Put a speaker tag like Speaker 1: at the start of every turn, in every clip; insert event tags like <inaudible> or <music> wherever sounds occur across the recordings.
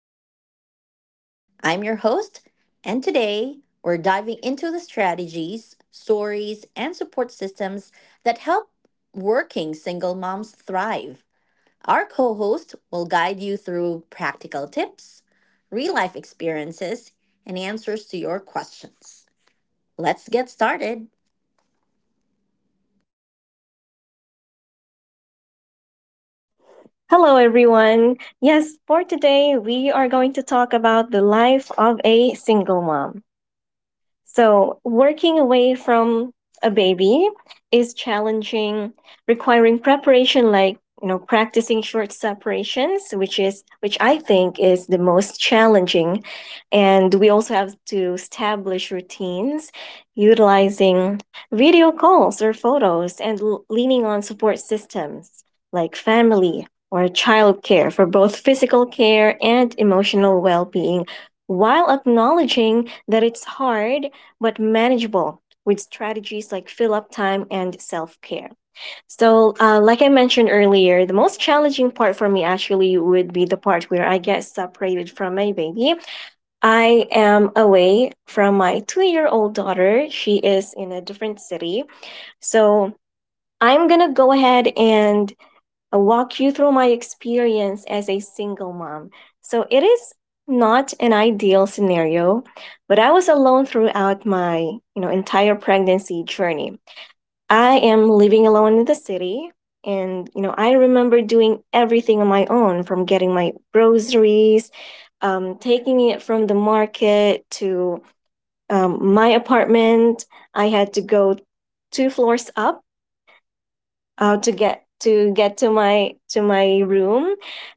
Speaker 1: for working moms. I'm your host, and today we're diving into the strategies, stories, and support systems that help working single moms thrive. Our co host will guide you through practical tips, real life experiences, and answers to your questions. Let's get started.
Speaker 2: Hello, everyone. Yes, for today, we are going to talk about the life of a single mom. So, working away from a baby is challenging, requiring preparation like, you know, practicing short separations, which I think is the most challenging. And we also have to establish routines utilizing video calls or photos and leaning on support systems like family or childcare for both physical care and emotional well-being, while acknowledging that it's hard but manageable with strategies like fill up time and self care. So, like I mentioned earlier, the most challenging part for me actually would be the part where I get separated from my baby. I am away from my 2-year-old old daughter, she is in a different city. So, I'm gonna go ahead and walk you through my experience as a single mom. So it is not an ideal scenario, but I was alone throughout my, you know, entire pregnancy journey. I am living alone in the city, and you know, I remember doing everything on my own, from getting my groceries, taking it from the market to my apartment. I had to go two floors up to get to my room,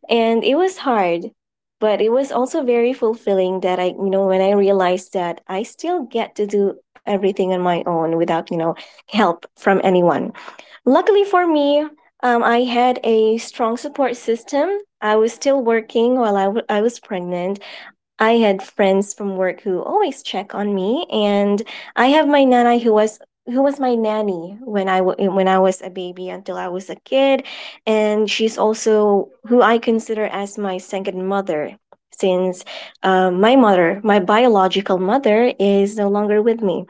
Speaker 2: and it was hard, but it was also very fulfilling that I, you know, when I realized that I still get to do everything on my own without, you know, help from anyone. Luckily for me, I had a strong support system. I was still working while I was pregnant. I had friends from work who always check on me, and I have my nanai who was, who was my nanny when when I was a baby until I was a kid, and she's also who I consider as my second mother, since my mother, my biological mother, is no longer with me.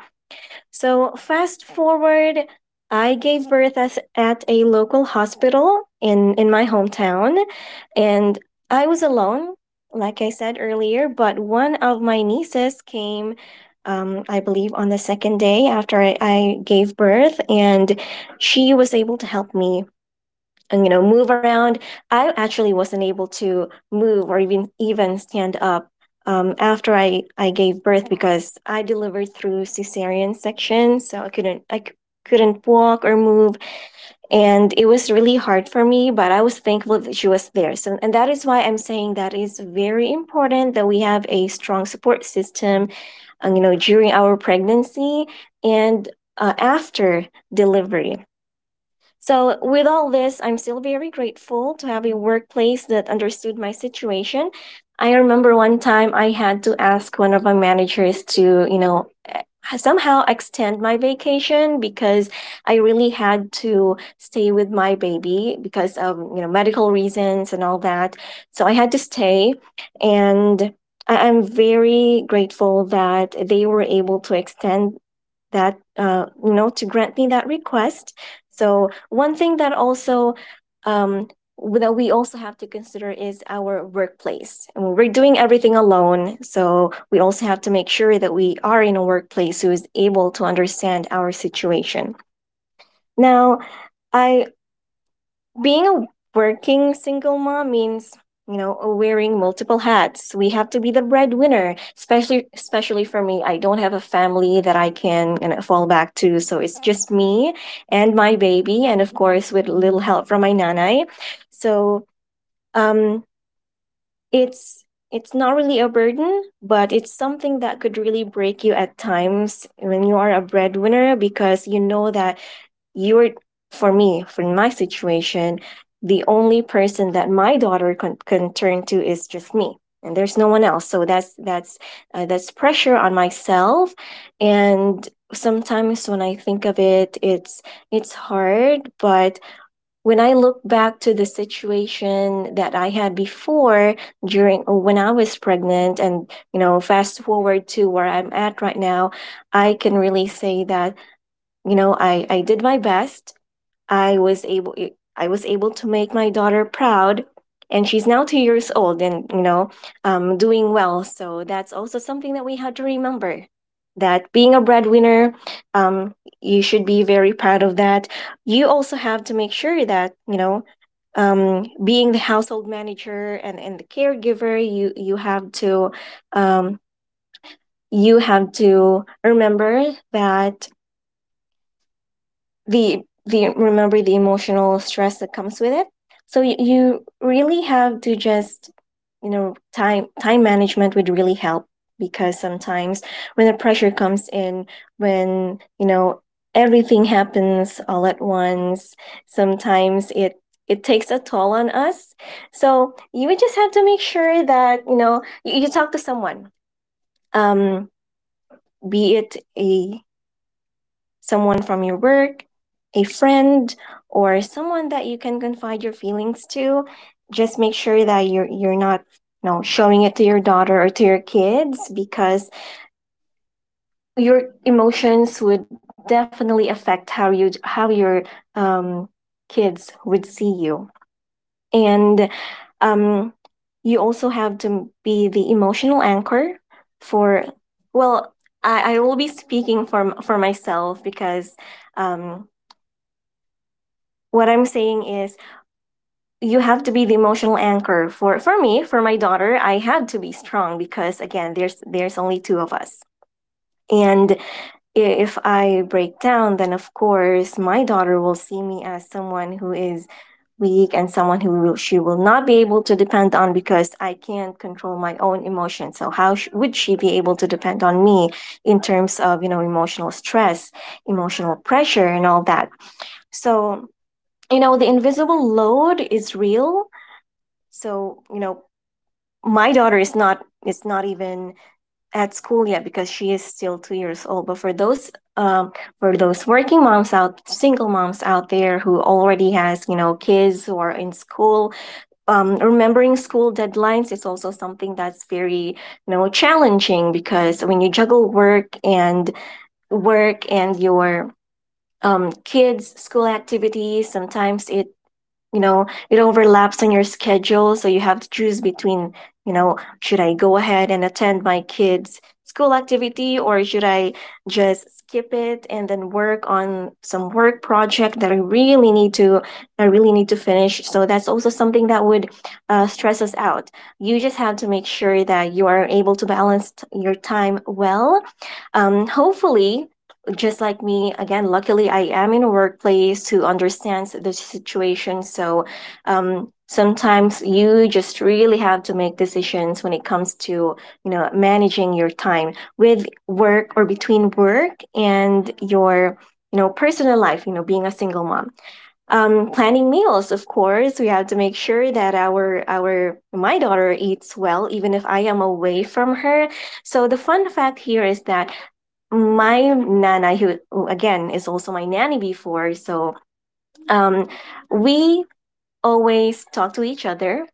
Speaker 2: So, fast forward, I gave birth as, at a local hospital in my hometown, and I was alone, like I said earlier, but one of my nieces came. I believe on the second day after I gave birth, and she was able to help me and, you know, move around. I actually wasn't able to move or even stand up after I gave birth, because I delivered through cesarean section, so I couldn't I c- couldn't walk or move. And it was really hard for me, but I was thankful that she was there. So, and that is why I'm saying that it's very important that we have a strong support system, you know, during our pregnancy and after delivery. So, with all this, I'm still very grateful to have a workplace that understood my situation. I remember one time I had to ask one of my managers to, you know, somehow extend my vacation because I really had to stay with my baby because of, you know, medical reasons and all that. So, I had to stay, and I'm very grateful that they were able to extend that, you know, to grant me that request. So one thing that also, um, that we also have to consider is our workplace, and we're doing everything alone, so we also have to make sure that we are in a workplace who is able to understand our situation. Now, I, being a working single mom means, you know, wearing multiple hats. We have to be the breadwinner, especially for me. I don't have a family that I can, you know, fall back to, so it's just me and my baby, and of course with little help from my nanai. So, um it's it's not really a burden, but it's something that could really break you at times when you are a breadwinner, because you know that you are, for me, for my situation, the only person that my daughter can turn to is just me, and there's no one else. So that's that's pressure on myself. And sometimes when I think of it, it's hard, but when I look back to the situation that I had before, during when I was pregnant, and you know, fast forward to where I'm at right now, I can really say that, you know, I did my best. I was able, I was able to make my daughter proud, and she's now 2 years old, and you know, doing well. So that's also something that we had to remember, that being a breadwinner, um you should be very proud of that. You also have to make sure that, you know, being the household manager and the caregiver, you have to, um, you have to remember that the the remember the emotional stress that comes with it. So you really have to just, you know, time management would really help, because sometimes when the pressure comes in, when, you know, everything happens all at once, sometimes it, it takes a toll on us. So you would just have to make sure that, you know, you talk to someone, um be it a someone from your work, a friend, or someone that you can confide your feelings to. Just make sure that you're not, you know, showing it to your daughter or to your kids, because your emotions would definitely affect how your, um, kids would see you. And um, you also have to be the emotional anchor for, well, I will be speaking for myself because, um, what I'm saying is you have to be the emotional anchor for me, for my daughter. I had to be strong because, again, there's only two of us. And if I break down, then of course my daughter will see me as someone who is weak, and someone who will, she will not be able to depend on, because I can't control my own emotions. So how would she be able to depend on me in terms of, you know, emotional stress, emotional pressure and all that? So, you know, the invisible load is real. So, you know, my daughter is not even at school yet, because she is still 2 years old. But for those, um, for those working moms out single moms out there who already has, you know, kids who are in school, remembering school deadlines is also something that's very, you know, challenging, because when you juggle work and your, kids school activities, sometimes it, you know, it overlaps on your schedule. So you have to choose between, you know, should I go ahead and attend my kids school activity, or should I just skip it and then work on some work project that I really need to finish. So that's also something that would stress us out. You just have to make sure that you are able to balance your time well. Hopefully, just like me, again, luckily I am in a workplace who understands the situation. So, sometimes you just really have to make decisions when it comes to, you know, managing your time with work, or between work and your, you know, personal life, you know, being a single mom. Planning meals, of course we have to make sure that our my daughter eats well even if I am away from her. So the fun fact here is that my nana, who, again, is also my nanny before, so, um we always talk to each other.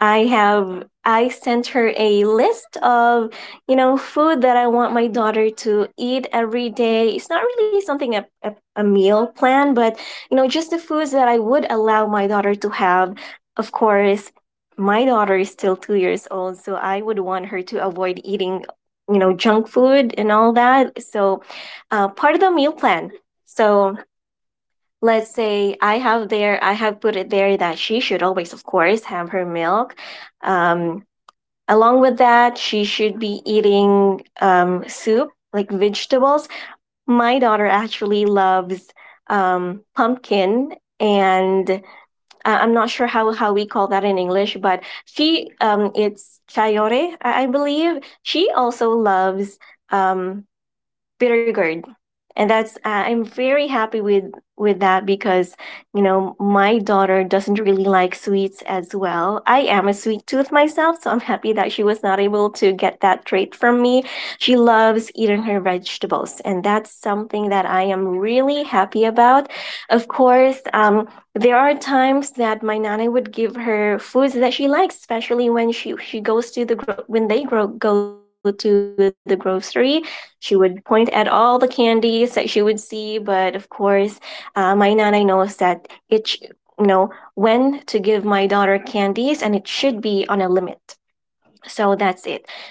Speaker 2: I sent her a list of, you know, food that I want my daughter to eat every day. It's not really something, a meal plan, but, you know, just the foods that I would allow my daughter to have. Of course, my daughter is still 2 years old, so I would want her to avoid eating, you know, junk food and all that. So, part of the meal plan. So let's say I have there, I have put it there that she should always, of course, have her milk. Um, along with that, she should be eating soup, like vegetables. My daughter actually loves pumpkin, and I am not sure how we call that in English, but she it's chayore, I believe. She also loves um, bittergourd. And that's, I'm very happy with that, because, you know, my daughter doesn't really like sweets as well. I am a sweet tooth myself, so I'm happy that she was not able to get that trait from me. She loves eating her vegetables, and that's something that I am really happy about. Of course, there are times that my nana would give her foods that she likes, especially when she goes to when go to the grocery. She would point at all the candies that she would see, but of course, my nanay knows that it, sh- you know, when to give my daughter candies, and it should be on a limit. So that's it.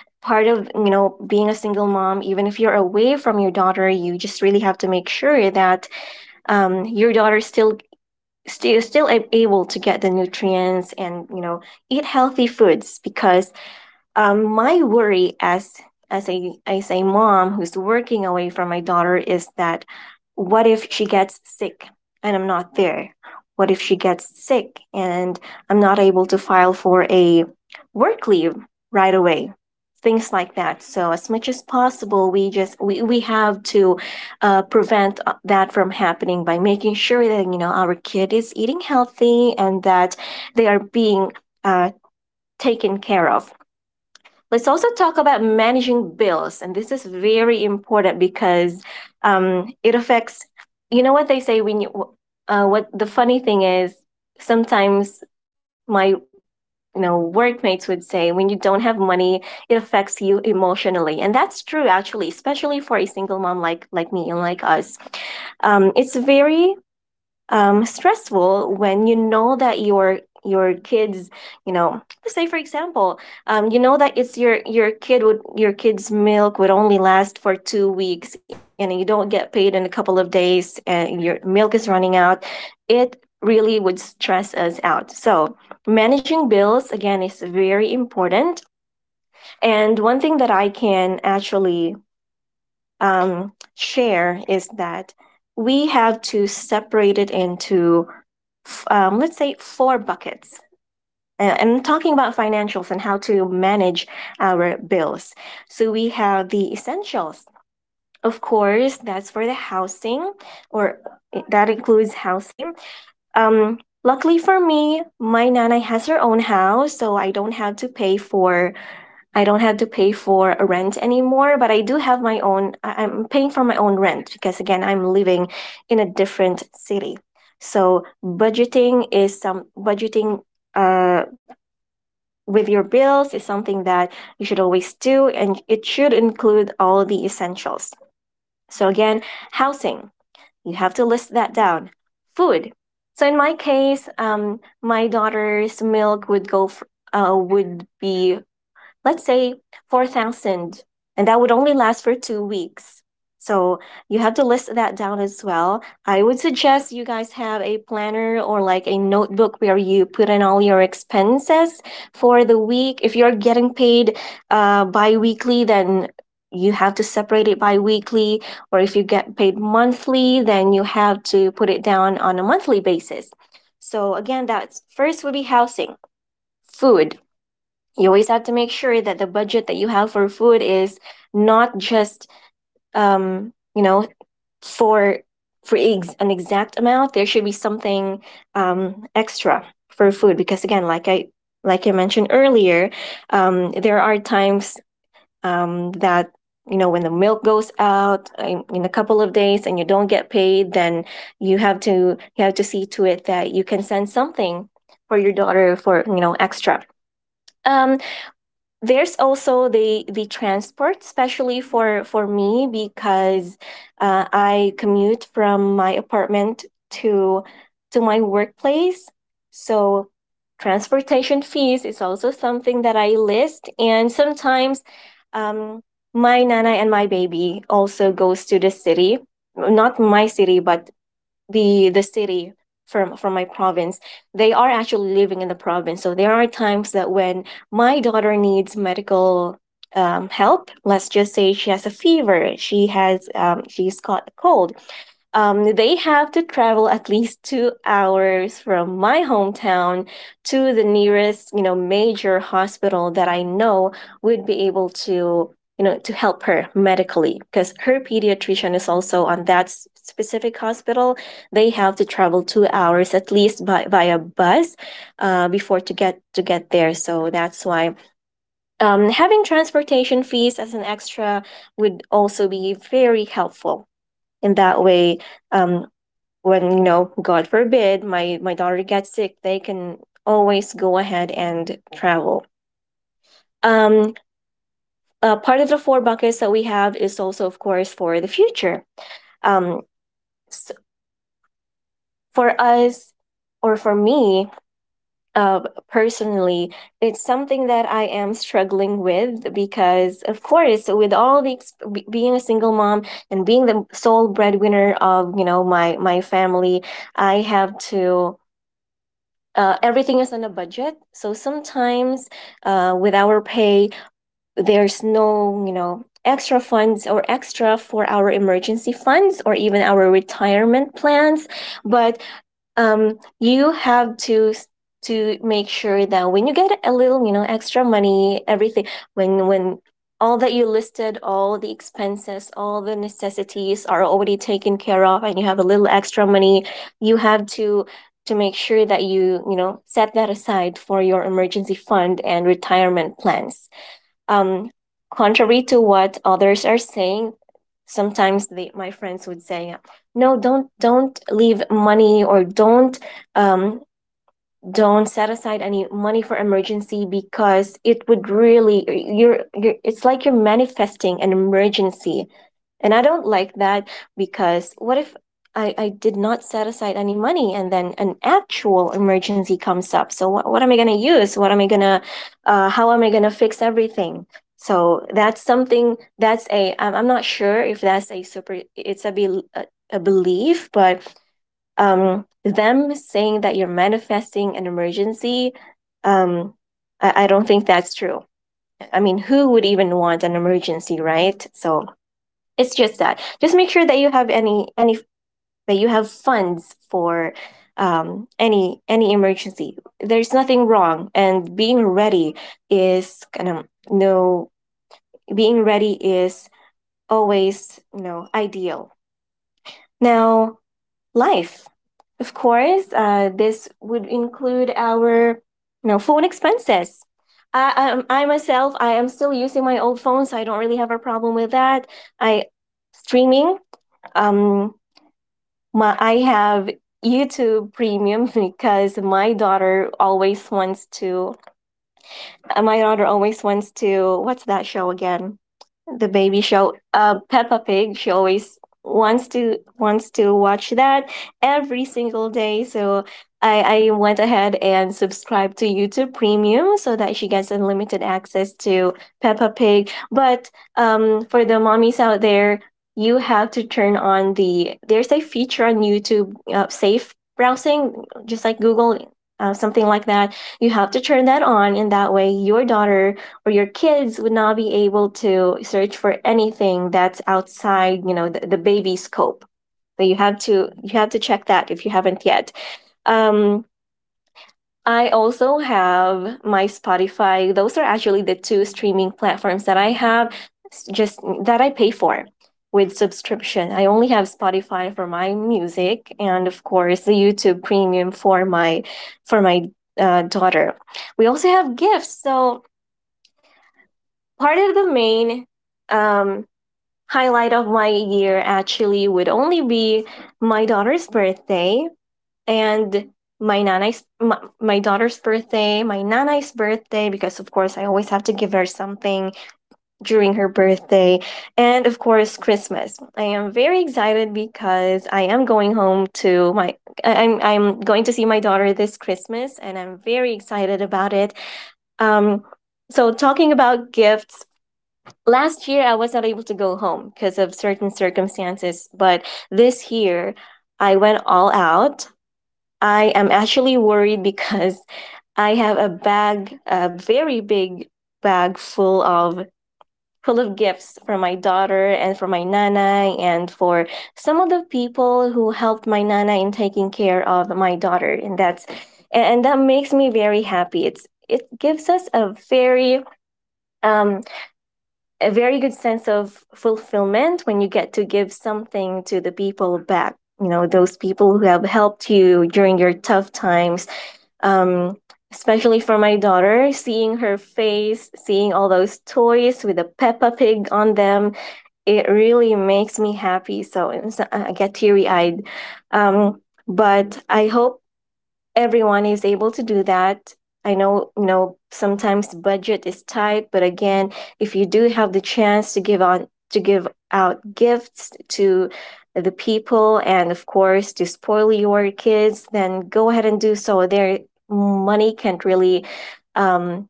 Speaker 2: Part of being a single mom, even if you're away from your daughter, you just really have to make sure that your daughter still able to get the nutrients and eat healthy foods because my worry as as a mom who's working away from my daughter is that what if she gets sick and I'm not there? What if she gets sick and I'm not able to file for a work leave right away? Things like that. So as much as possible, we have to prevent that from happening by making sure that our kid is eating healthy and that they are being uh, taken care of. Let's also talk about managing bills. And this is very important because it affects, what they say when what the funny thing is, sometimes my workmates would say when you don't have money it affects you emotionally, and that's true actually, especially for a single mom like me and like us. Um, it's very stressful when you know that your kids, let's say for example, you know that it's your kid would your kid's milk would only last for 2 weeks and you don't get paid in a couple of days and your milk is running out. It really would stress us out. So managing bills again is very important, and one thing that I can actually share is that we have to separate it into let's say four buckets. I'm talking about financials and how to manage our bills. So we have the essentials. Of course that's for the housing, or that includes housing. um, Luckily for me my nana has her own house so I don't have to pay for a rent anymore, but I do have my own, I- am paying for my own rent because again, I'm living in a different city. So budgeting uh, with your bills is something that you should always do, and it should include all the essentials. So again, housing, you have to list that down. Food. So in my case, my daughter's milk would would be, let's say, 4,000, and that would only last for 2 weeks. So you have to list that down as well. I would suggest you guys have a planner or like a notebook where you put in all your expenses for the week. If you're getting paid bi weekly, then you have to separate it bi weekly. Or if you get paid monthly, then you have to put it down on a monthly basis. So again, that's first would be housing, food. You always have to make sure that the budget that you have for food is not just um you know for an exact amount. There should be something extra for food, because again, like I mentioned earlier, there are times that, when the milk goes out in a couple of days and you don't get paid, then you have to you have to see to it that you can send something for your daughter, for extra. um there's also the transport, especially for me, because I commute from my apartment to to my workplace. So transportation fees is also something that I list, and sometimes um, my nana and my baby also goes to the city, not my city, but the city, from my province. They are actually living in the province, so there are times that when my daughter needs medical help, let's just say she has a fever, she has she's caught a cold. They have to travel at least 2 hours from my hometown to the nearest, major hospital that I know would be able to, to help her medically, because her pediatrician is also on specific hospital. They have to travel 2 hours at least by via bus before to get there. So that's why having transportation fees as an extra would also be very helpful, in that way um, when, god forbid my daughter gets sick, they can always go ahead and travel. um Part of the four buckets that we have is also of course for the future. Um s For us, or for me, uh, personally, it's something that I am struggling with, because of course with all being a single mom and being the sole breadwinner of, my family, I have to, everything is on a budget. So sometimes, with our pay, there's no, extra funds or extra for our emergency funds or even our retirement plans. But you have to to make sure that when you get a little, extra money, everything, when all that you listed, all the expenses, all the necessities are already taken care of, and you have a little extra money, you have to make sure that you know set that aside for your emergency fund and retirement plans. Um, Contrary to what others are saying, sometimes my friends would say, "No, don't leave money, or um, don't set aside any money for emergency, because it would really you're it's like you're manifesting an emergency." And I don't like that, because what if I did not set aside any money and then an actual emergency comes up, so what am I going to use, what am I going to how am I going to fix everything? So that's something that's a I'm not sure if that's a super, it's a, be, a belief, but them saying that you're manifesting an emergency, um, I don't think that's true. I mean, who would even want an emergency, right? So it's just that. Just make sure that you have any that you have funds for any emergency. There's nothing wrong, and being ready is kind of no being ready is always, ideal. Now, life. Of course, this would include our, phone expenses. I myself, I am still using my old phone, so I don't really have a problem with that. I streaming. Um, I have YouTube Premium <laughs> because my daughter always wants to my daughter always wants to, what's that show again? The baby show, Peppa Pig. She always wants to watch that every single day. So I went ahead and subscribed to YouTube Premium so that she gets unlimited access to Peppa Pig. But for the mommies out there, you have to turn on the there's a feature on YouTube, safe browsing, just like Google, something like that. You have to turn that on, and that way your daughter or your kids would not be able to search for anything that's outside, the baby scope. So you have to check that if you haven't yet. um, I also have my Spotify. Those are actually the two streaming platforms that I have, just that I pay for with subscription. I only have Spotify for my music, and of course the YouTube Premium for my for my daughter. We also have gifts. So part of the main um highlight of my year actually would only be my daughter's birthday and my daughter's birthday, my nana's birthday, because of course I always have to give her something during her birthday. And of course Christmas, I am very excited because I am going home to my I'm going to see my daughter this Christmas and I'm very excited about it. um so talking about gifts, last year I was not able to go home because of certain circumstances, but this year I went all out. I am actually worried because <laughs> I have a bag, a very big bag full of gifts for my daughter and for my nana and for some of the people who helped my nana in taking care of my daughter. And that's and that makes me very happy. It's it gives us um a very good sense of fulfillment when you get to give something to the people back, you know, those people who have helped you during your tough times. um, Especially for my daughter, seeing her face, seeing all those toys with a Peppa Pig on them, it really makes me happy. So, I get teary-eyed. um, but I hope everyone is able to do that. I know, sometimes budget is tight, but again, if you do have the chance to give out gifts to the people and of course to spoil your kids, then go ahead and do so. Their money can't really um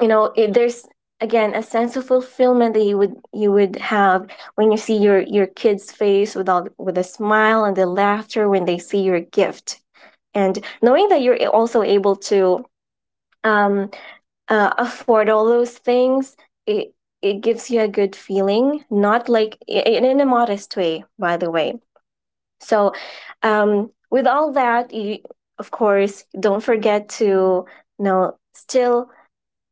Speaker 2: there's again a sense of fulfillment that you would have when you see your kids face with all with a smile and the laughter when they see your gift. And knowing that you're also able to um, afford all those things, it it gives you a good feeling, not like in a modest way, by the way. So with all that, you of course don't forget to, still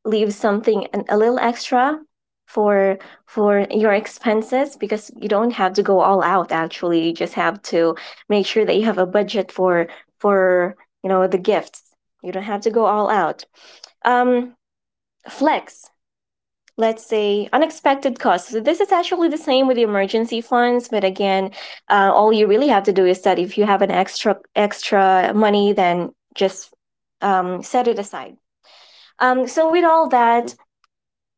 Speaker 2: leave something a little extra for your expenses, because you don't have to go all out actually. You just have to make sure that you have a budget for for you know, the gifts. You don't have to go all out. um Flex, let's say unexpected costs. So this is actually the same with the emergency funds, but again, all you really have to do is that if you have an extra money, then just set it aside. So with all that,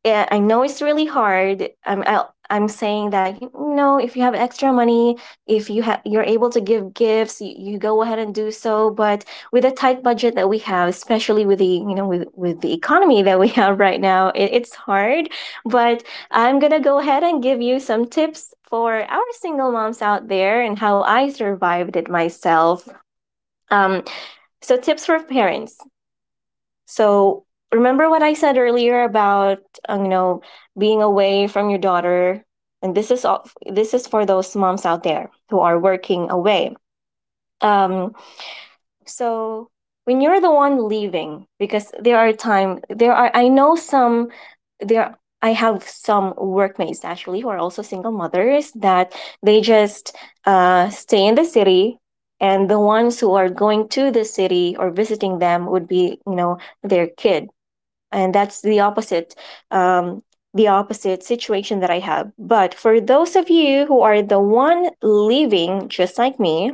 Speaker 2: yeah, I know it's really hard. I'm saying that, you know, if you have extra money, if you have you're able to give gifts, you go ahead and do so. But with the tight budget that we have, especially with the, you know, with the economy <laughs> that we have right now, it's hard. But I'm gonna go ahead and give you some tips for our single moms out there and how I survived it myself. Um, so tips for parents. So remember what I said earlier about, um, you know being away from your daughter. And this is for those moms out there who are working away. Um, so when you're the one leaving, because there are, I know some there I have some workmates actually who are also single mothers that they just stay in the city, and the ones who are going to the city or visiting them would be, you know, their kid, and that's the opposite. um, the opposite situation that I have. But for those of you who are the one leaving just like me,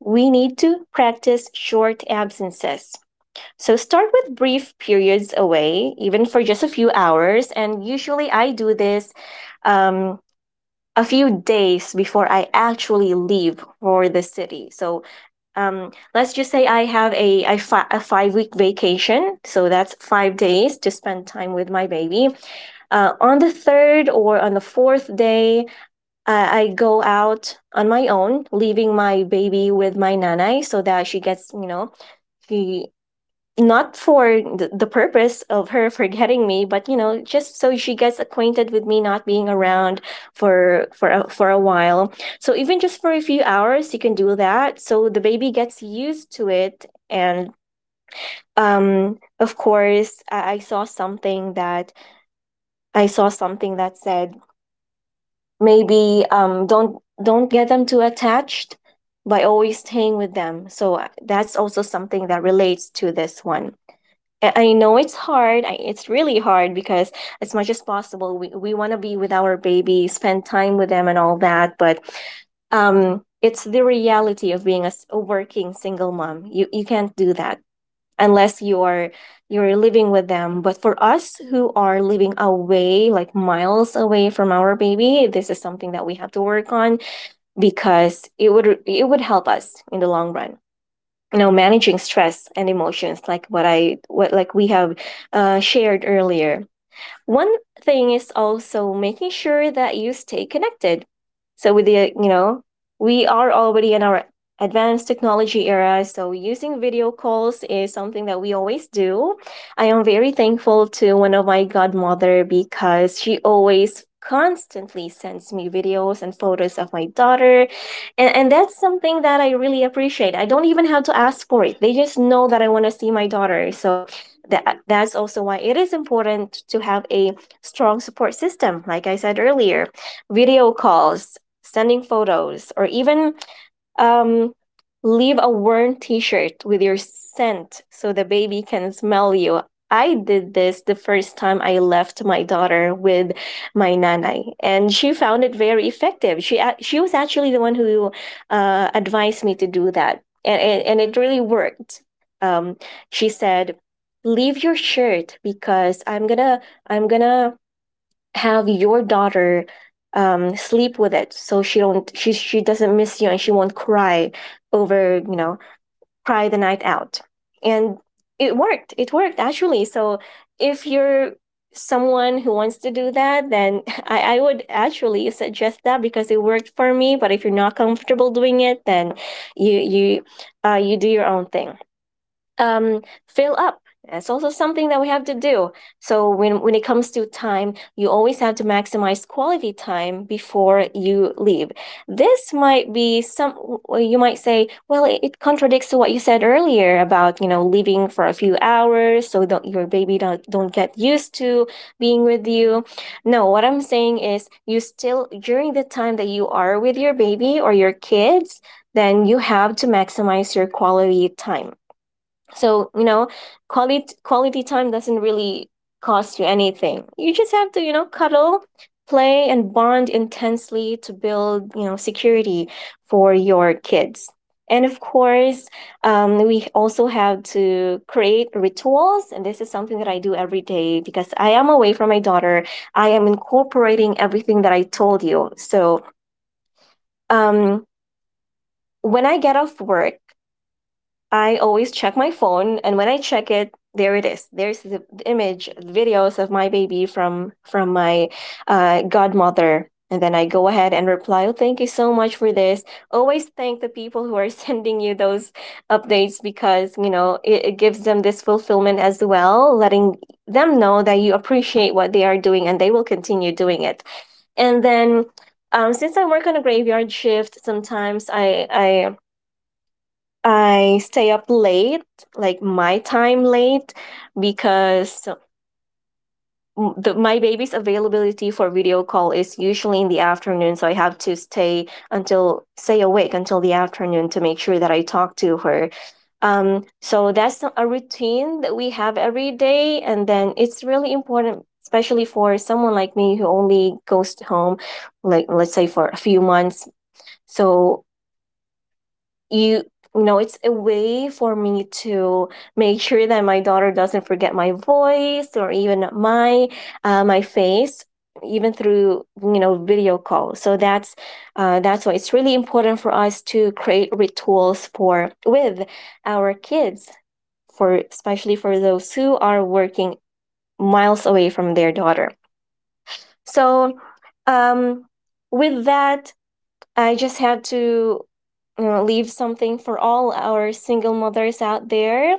Speaker 2: we need to practice short absences. So start with brief periods away, even for just a few hours. And usually I do this um, a few days before I actually leave for the city. So let's just say I have a 5 week vacation. So that's 5 days to spend time with my baby. On the third or on the fourth day, I go out on my own, leaving my baby with my nanai so that she gets, you know, she not for the purpose of her forgetting me, but you know, just so she gets acquainted with me not being around for for a while. So even just for a few hours you can do that, so the baby gets used to it. And of course I saw something that said maybe, don't get them too attached by always staying with them. So that's also something that relates to this one. I know it's hard. It's really hard because as much as possible, we want to be with our baby, spend time with them and all that. But it's the reality of being a working single mom. You can't do that unless you're living with them. But for us who are living away, like miles away from our baby, this is something that we have to work on, because it would help us in the long run, you know, managing stress and emotions, like what I what like we have shared earlier. One thing is also making sure that you stay connected. So with the, you know, we are already in our advanced technology era, so using video calls is something that we always do. I am very thankful to one of my godmother because she always constantly sends me videos and photos of my daughter. And that's something that I really appreciate. I don't even have to ask for it. They just know that I want to see my daughter. So that's also why it is important to have a strong support system, like I said earlier. Video calls, sending photos, or even um, leave a worn t-shirt with your scent so the baby can smell you. I did this the first time I left my daughter with my nanai and she found it very effective. She was actually the one who advised me to do that, and it really worked. um, she said leave your shirt because I'm gonna have your daughter sleep with it so she doesn't miss you and she won't cry over, you know, cry the night out. And it worked. It worked actually. So if you're someone who wants to do that, then <laughs> I would actually suggest that because it worked for me. But if you're not comfortable doing it, then you you do your own thing. um, Fill up. That's also something that we have to do. So when it comes to time, you always have to maximize quality time before you leave. This might be some, well, you might say, well, it contradicts to what you said earlier about, you know, leaving for a few hours, so don't your baby don't get used to being with you. No, what I'm saying is, you still, during the time that you are with your baby or your kids, then you have to maximize your quality time. So, you know, quality time doesn't really cost you anything. You just have to, you know, cuddle, play and bond intensely to build, you know, security for your kids. And of course, we also have to create rituals. And this is something that I do every day because I am away from my daughter. I am incorporating everything that I told you. So, um, when I get off work, I always check my phone, and when I check it, there it is. There's the image, videos of my baby from my godmother, and then I go ahead and reply, "Oh, thank you so much for this." Always thank the people who are <laughs> sending you those updates, because you know, it gives them this fulfillment as well, letting them know that you appreciate what they are doing and they will continue doing it. And then since I work on a graveyard shift, sometimes I stay up late, like my time late, because my baby's availability for video call is usually in the afternoon. So I have to stay awake until the afternoon to make sure that I talk to her. So that's a routine that we have every day. And then it's really important, especially for someone like me who only goes home, like, let's say, for a few months. So you you know, it's a way for me to make sure that my daughter doesn't forget my voice or even my my face, even through, you know, video call. So that's why it's really important for us to create rituals for with our kids, for especially for those who are working miles away from their daughter. So um with that, I just had to leave something for all our single mothers out there.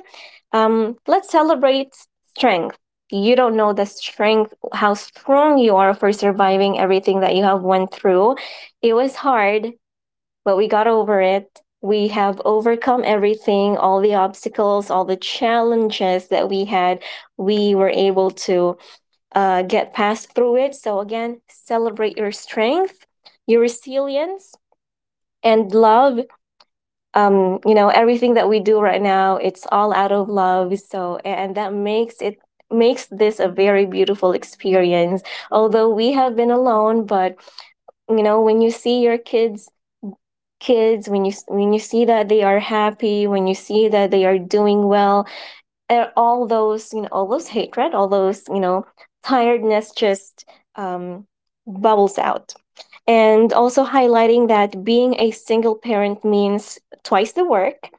Speaker 2: Let's celebrate strength. You don't know the strength, how strong you are for surviving everything that you have went through. It was hard, but we got over it. We have overcome everything, all the obstacles, all the challenges that we had. We were able to get past through it. So again, celebrate your strength, your resilience, and love. You know, everything that we do right now, it's all out of love. So and that makes this a very beautiful experience. Although we have been alone, but you know, when you see your kids, when you see that they are happy, when you see that they are doing well, and all those, you know, all those hatred, all those, you know, tiredness just um bubbles out. And also highlighting that being a single parent means twice the work,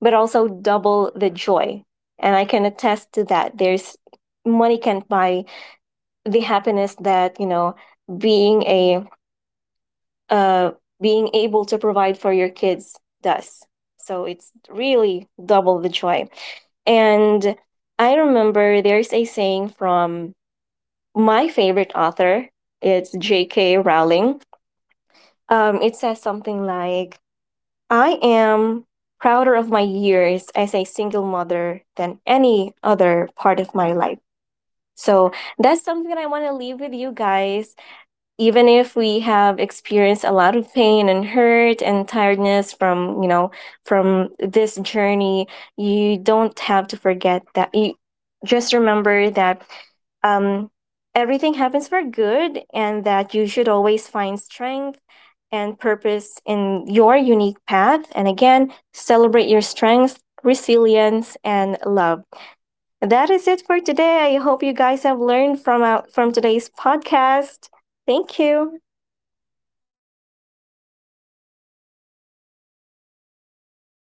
Speaker 2: but also double the joy. And I can attest to that. There's money can't buy the happiness that, you know, being a uh, being able to provide for your kids does. So it's really double the joy. And I remember there's a saying from my favorite author. It's J.K. Rowling. It says something like I am prouder of my years as a single mother than any other part of my life. So that's something that I want to leave with you guys, even if we have experienced a lot of pain and hurt and tiredness from, you know, from this journey. You don't have to forget that. You Just remember that, um, everything happens for good, and that you should always find strength and purpose in your unique path. And again, celebrate your strengths, resilience and love. That is it for today. I hope you guys have learned from out from today's podcast. Thank you.